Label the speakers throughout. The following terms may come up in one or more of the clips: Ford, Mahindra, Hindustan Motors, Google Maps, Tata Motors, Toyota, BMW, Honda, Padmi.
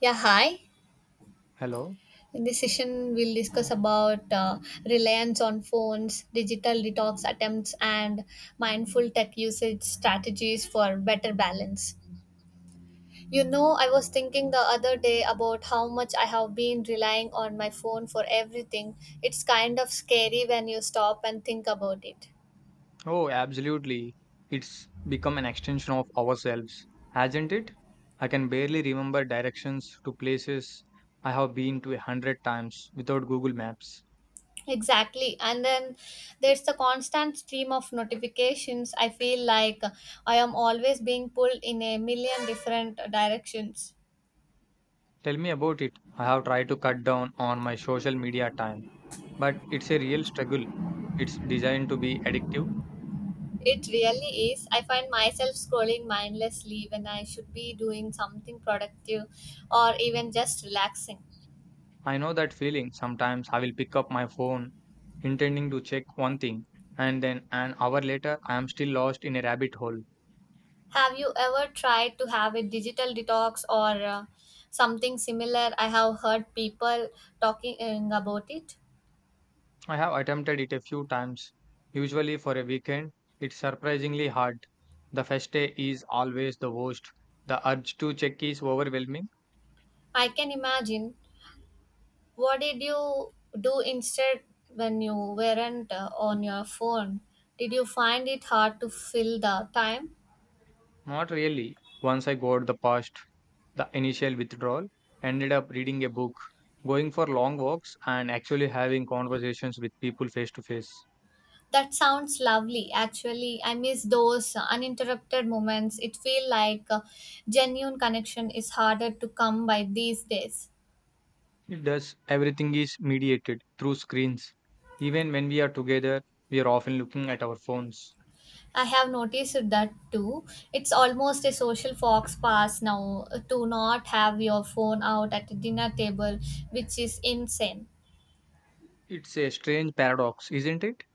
Speaker 1: Yeah, hi.
Speaker 2: Hello.
Speaker 1: In this session, we'll discuss about reliance on phones, digital detox attempts, and mindful tech usage strategies for better balance. You know, I was thinking the other day about how much I have been relying on my phone for everything. It's kind of scary when you stop and think about it.
Speaker 2: Oh, absolutely. It's become an extension of ourselves, hasn't it? I can barely remember directions to places I have been to 100 times without Google Maps.
Speaker 1: Exactly. And then there's the constant stream of notifications. I feel like I am always being pulled in a million different directions.
Speaker 2: Tell me about it. I have tried to cut down on my social media time, but it's a real struggle. It's designed to be addictive.
Speaker 1: It really is. I find myself scrolling mindlessly when I should be doing something productive or even just relaxing.
Speaker 2: I know that feeling. Sometimes I will pick up my phone intending to check one thing, and then an hour later, I am still lost in a rabbit hole.
Speaker 1: Have you ever tried to have a digital detox or something similar? I have heard people talking about it.
Speaker 2: I have attempted it a few times, usually for a weekend. It's surprisingly hard. The first day is always the worst. The urge to check is overwhelming.
Speaker 1: I can imagine. What did you do instead when you weren't on your phone? Did you find it hard to fill the time?
Speaker 2: Not really. Once I got the past, the initial withdrawal, ended up reading a book, going for long walks, and actually having conversations with people face to face.
Speaker 1: That sounds lovely. Actually, I miss those uninterrupted moments. It feels like genuine connection is harder to come by these days.
Speaker 2: It does. Everything is mediated through screens. Even when we are together, we are often looking at our phones.
Speaker 1: I have noticed that too. It's almost a social fox pass now, to not have your phone out at the dinner table, which is insane.
Speaker 2: It's a strange paradox, isn't it?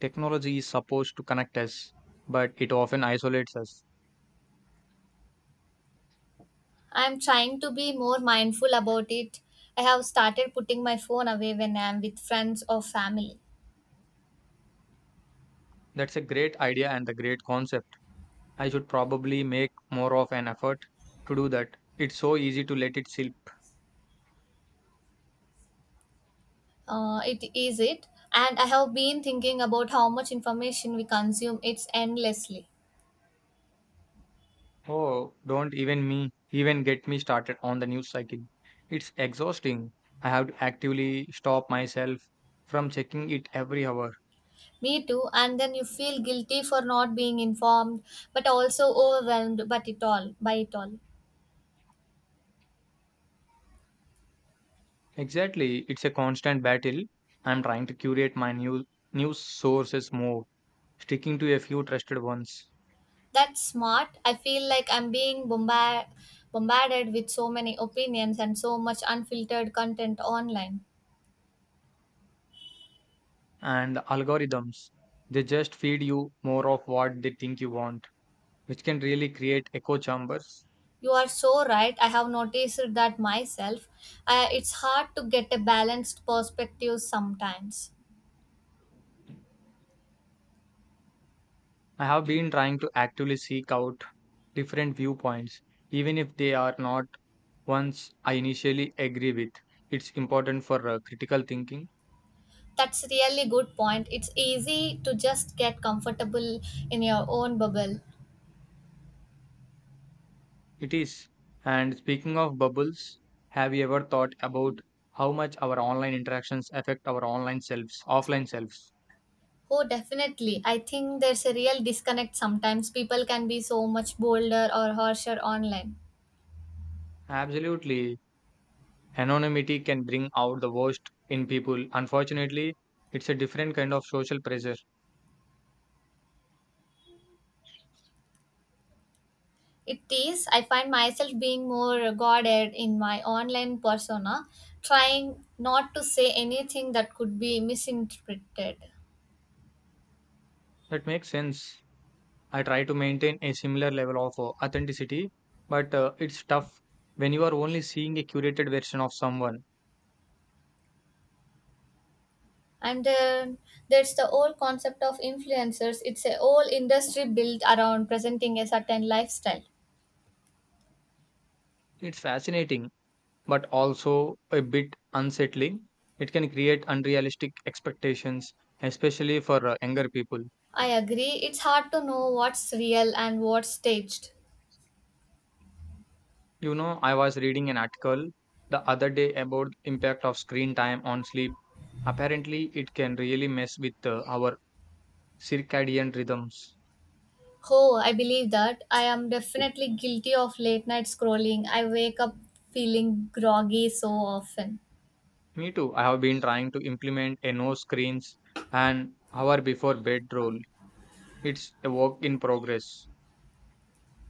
Speaker 2: Technology is supposed to connect us, but it often isolates us.
Speaker 1: I'm trying to be more mindful about it. I have started putting my phone away when I'm with friends or family.
Speaker 2: That's a great idea and a great concept. I should probably make more of an effort to do that. It's so easy to let it slip.
Speaker 1: It is it. And I have been thinking about how much information we consume. It's endlessly.
Speaker 2: Oh, don't even get me started on the news cycle. It's exhausting. I have to actively stop myself from checking it every hour.
Speaker 1: Me too. And then you feel guilty for not being informed, but also overwhelmed. But it all by it all.
Speaker 2: Exactly, it's a constant battle. I'm trying to curate my news sources more, sticking to a few trusted ones.
Speaker 1: That's smart. I feel like I'm being bombarded with so many opinions and so much unfiltered content online.
Speaker 2: And algorithms. They just feed you more of what they think you want, which can really create echo chambers.
Speaker 1: You are so right. I have noticed that myself. It's hard to get a balanced perspective sometimes.
Speaker 2: I have been trying to actively seek out different viewpoints, even if they are not ones I initially agree with. It's important for critical thinking.
Speaker 1: That's really good point. It's easy to just get comfortable in your own bubble.
Speaker 2: It is. And speaking of bubbles, have you ever thought about how much our online interactions affect our offline selves?
Speaker 1: Oh, definitely. I think there's a real disconnect sometimes. People can be so much bolder or harsher online.
Speaker 2: Absolutely. Anonymity can bring out the worst in people. Unfortunately, it's a different kind of social pressure.
Speaker 1: It is. I find myself being more guarded in my online persona, trying not to say anything that could be misinterpreted.
Speaker 2: That makes sense. I try to maintain a similar level of authenticity, but it's tough when you are only seeing a curated version of someone.
Speaker 1: And then there's the whole concept of influencers. It's a whole industry built around presenting a certain lifestyle.
Speaker 2: It's fascinating, but also a bit unsettling. It can create unrealistic expectations, especially for younger people.
Speaker 1: I agree, it's hard to know what's real and what's staged.
Speaker 2: You know, I was reading an article the other day about the impact of screen time on sleep. Apparently, it can really mess with our circadian rhythms.
Speaker 1: Oh, I believe that. I am definitely guilty of late night scrolling. I wake up feeling groggy so often.
Speaker 2: Me too. I have been trying to implement a no screens and hour before bed rule. It's a work in progress.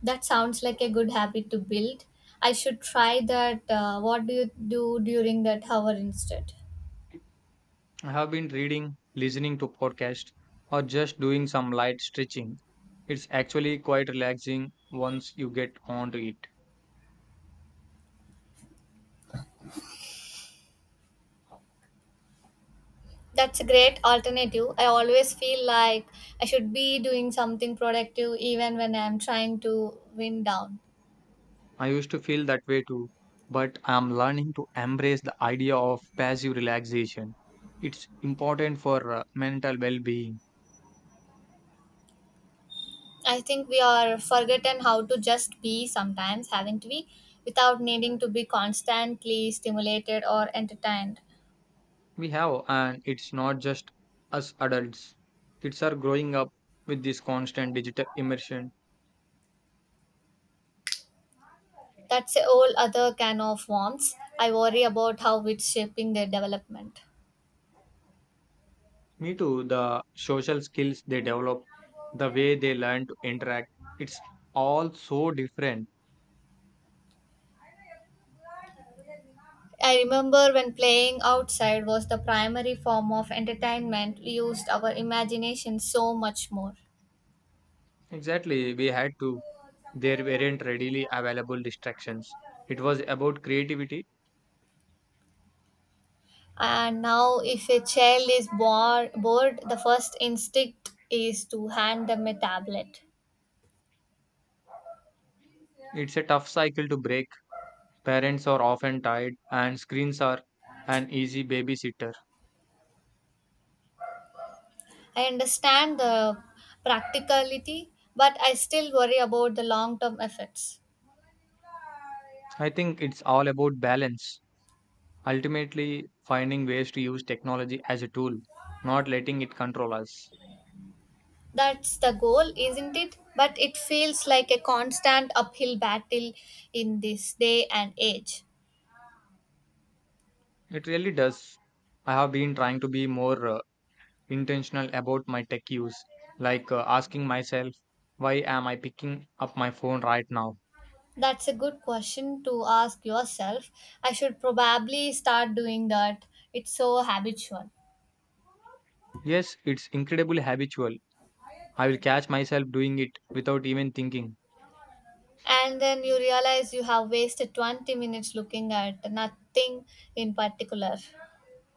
Speaker 1: That sounds like a good habit to build. I should try that. What do you do during that hour instead?
Speaker 2: I have been reading, listening to podcasts, or just doing some light stretching. It's actually quite relaxing once you get onto it.
Speaker 1: That's a great alternative. I always feel like I should be doing something productive even when I'm trying to wind down.
Speaker 2: I used to feel that way too, but I'm learning to embrace the idea of passive relaxation. It's important for mental well being.
Speaker 1: I think we are forgotten how to just be sometimes, haven't we? Without needing to be constantly stimulated or entertained.
Speaker 2: We have, and it's not just us adults, kids are growing up with this constant digital immersion.
Speaker 1: That's a whole other can of worms. I worry about how it's shaping their development.
Speaker 2: Me too, the social skills they develop, the way they learn to interact, it's all so different.
Speaker 1: I remember when playing outside was the primary form of entertainment, we used our imagination so much more.
Speaker 2: Exactly, we had to. There weren't readily available distractions. It was about creativity.
Speaker 1: And now, if a child is bored, the first instinct is to hand them a tablet.
Speaker 2: It's a tough cycle to break. Parents are often tired, and screens are an easy babysitter.
Speaker 1: I understand the practicality, but I still worry about the long term effects.
Speaker 2: I think it's all about balance, ultimately, finding ways to use technology as a tool, not letting it control us.
Speaker 1: That's the goal, isn't it? But it feels like a constant uphill battle in this day and age.
Speaker 2: It really does. I have been trying to be more intentional about my tech use, like asking myself, why am I picking up my phone right now?
Speaker 1: That's a good question to ask yourself. I should probably start doing that. It's so habitual.
Speaker 2: Yes, it's incredibly habitual. I will catch myself doing it without even thinking.
Speaker 1: And then you realize you have wasted 20 minutes looking at nothing in particular.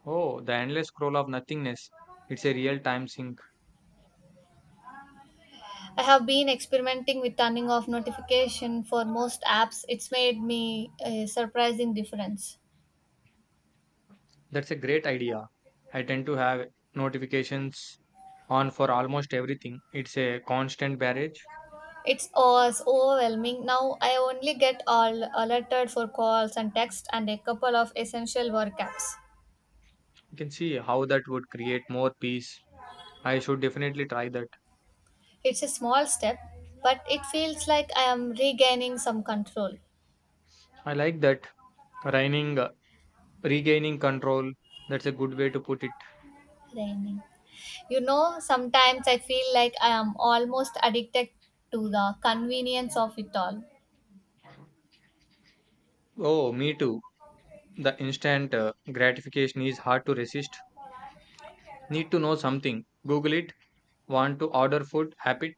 Speaker 2: Oh, the endless scroll of nothingness. It's a real time sink.
Speaker 1: I have been experimenting with turning off notification for most apps. It's made me a surprising difference.
Speaker 2: That's a great idea. I tend to have notifications on for almost everything. It's a constant barrage.
Speaker 1: It's always overwhelming. Now I only get all alerted for calls and texts and a couple of essential work apps.
Speaker 2: You can see how that would create more peace. I should definitely try that.
Speaker 1: It's a small step, but it feels like I am regaining some control.
Speaker 2: I like that. Reining, uh, Regaining control. That's a good way to put it.
Speaker 1: Raining. You know, sometimes I feel like I am almost addicted to the convenience of it all.
Speaker 2: Oh, me too. The instant gratification is hard to resist. Need to know something. Google it. Want to order food. Happy.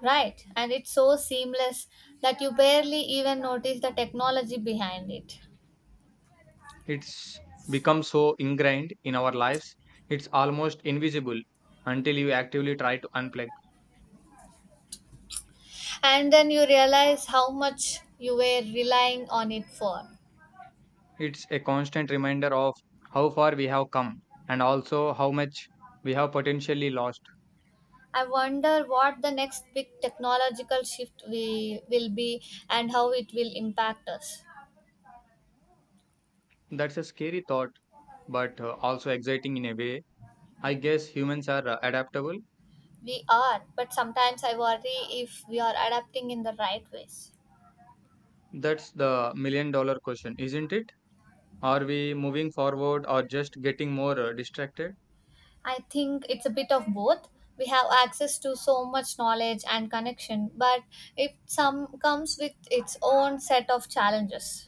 Speaker 1: Right, and it's so seamless that you barely even notice the technology behind it.
Speaker 2: It's become so ingrained in our lives, it's almost invisible until you actively try to unplug.
Speaker 1: And then you realize how much you were relying on it for.
Speaker 2: It's a constant reminder of how far we have come and also how much we have potentially lost.
Speaker 1: I wonder what the next big technological shift we will be and how it will impact us.
Speaker 2: That's a scary thought, but also exciting in a way. I guess humans are adaptable.
Speaker 1: We are, but sometimes I worry if we are adapting in the right ways.
Speaker 2: That's the million dollar question, isn't it? Are we moving forward or just getting more distracted?
Speaker 1: I think it's a bit of both. We have access to so much knowledge and connection, but it some comes with its own set of challenges.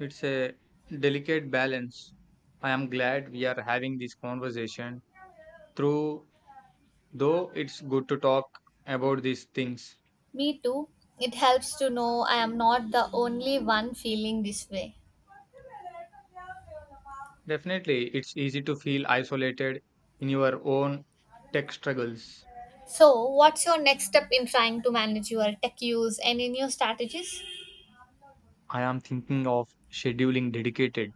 Speaker 2: It's a delicate balance. I am glad we are having this conversation. True, though it's good to talk about these things.
Speaker 1: Me too. It helps to know I am not the only one feeling this way.
Speaker 2: Definitely, it's easy to feel isolated in your own tech struggles.
Speaker 1: So, what's your next step in trying to manage your tech use? Any new strategies?
Speaker 2: I am thinking of scheduling dedicated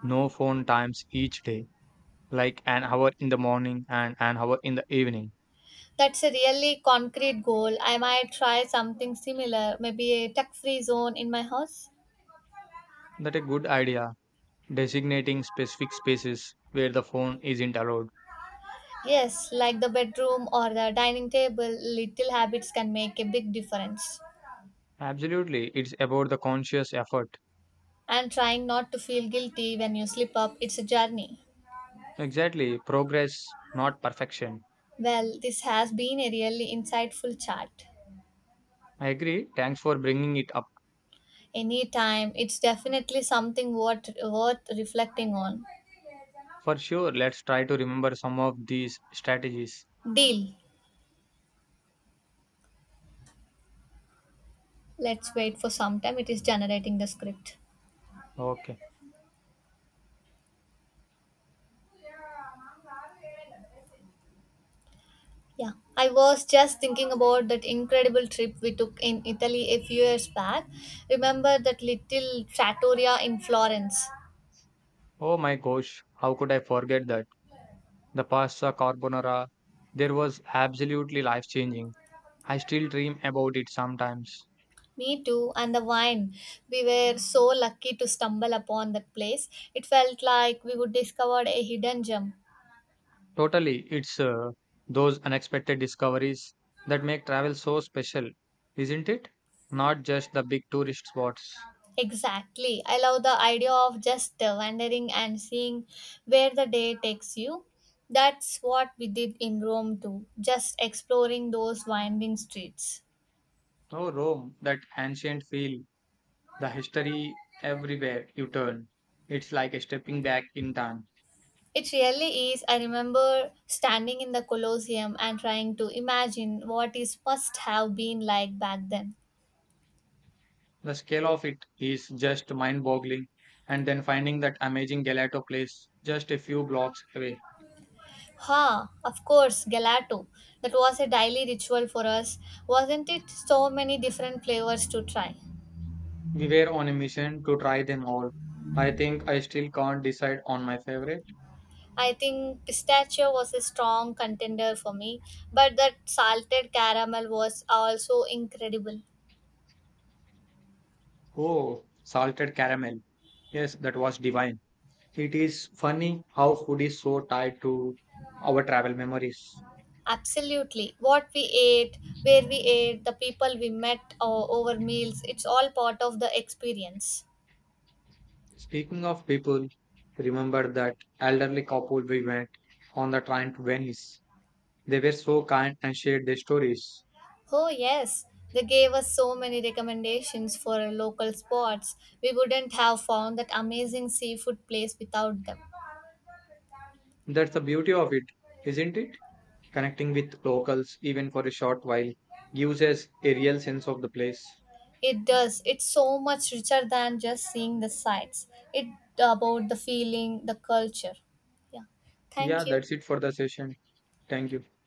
Speaker 2: no phone times each day, like an hour in the morning and an hour in the evening.
Speaker 1: That's a really concrete goal. I might try something similar, maybe a tech free zone in my house.
Speaker 2: That a good idea, designating specific spaces where the phone isn't allowed.
Speaker 1: Yes, like the bedroom or the dining table, little habits can make a big difference.
Speaker 2: Absolutely, it's about the conscious effort.
Speaker 1: And trying not to feel guilty when you slip up, it's a journey.
Speaker 2: Exactly, progress, not perfection.
Speaker 1: Well, this has been a really insightful chat.
Speaker 2: I agree. Thanks for bringing it up.
Speaker 1: Anytime, it's definitely something worth reflecting on.
Speaker 2: For sure, let's try to remember some of these strategies.
Speaker 1: Deal. Let's wait for some time. It is generating the script.
Speaker 2: Okay.
Speaker 1: Yeah, I was just thinking about that incredible trip we took in Italy a few years back. Remember that little trattoria in Florence?
Speaker 2: Oh my gosh, how could I forget that? The pasta carbonara, there was absolutely life changing. I still dream about it sometimes.
Speaker 1: Me too, and the wine. We were so lucky to stumble upon that place. It felt like we would discover a hidden gem.
Speaker 2: Totally, it's those unexpected discoveries that make travel so special, isn't it? Not just the big tourist spots.
Speaker 1: Exactly. I love the idea of just wandering and seeing where the day takes you. That's what we did in Rome too, just exploring those winding streets.
Speaker 2: Oh, Rome, that ancient feel, the history everywhere you turn. It's like a stepping back in time.
Speaker 1: It really is. I remember standing in the Colosseum and trying to imagine what it must have been like back then.
Speaker 2: The scale of it is just mind boggling. And then finding that amazing gelato place just a few blocks away.
Speaker 1: Ha, of course, gelato. That was a daily ritual for us, wasn't it? So many different flavors to try.
Speaker 2: We were on a mission to try them all. I think I still can't decide on my favorite.
Speaker 1: I think pistachio was a strong contender for me, but that salted caramel was also incredible.
Speaker 2: Oh, salted caramel. Yes, that was divine. It is funny how food is so tied to our travel memories.
Speaker 1: Absolutely. What we ate, where we ate, the people we met over meals, it's all part of the experience.
Speaker 2: Speaking of people, remember that elderly couple we met on the train to Venice. They were so kind and shared their stories.
Speaker 1: Oh, yes. They gave us so many recommendations for local spots. We wouldn't have found that amazing seafood place without them.
Speaker 2: That's the beauty of it, isn't it? Connecting with locals, even for a short while, gives us a real sense of the place.
Speaker 1: It does. It's so much richer than just seeing the sights. It's about the feeling, the culture. Yeah.
Speaker 2: Yeah,
Speaker 1: Thank you.
Speaker 2: that's it for the session. Thank you.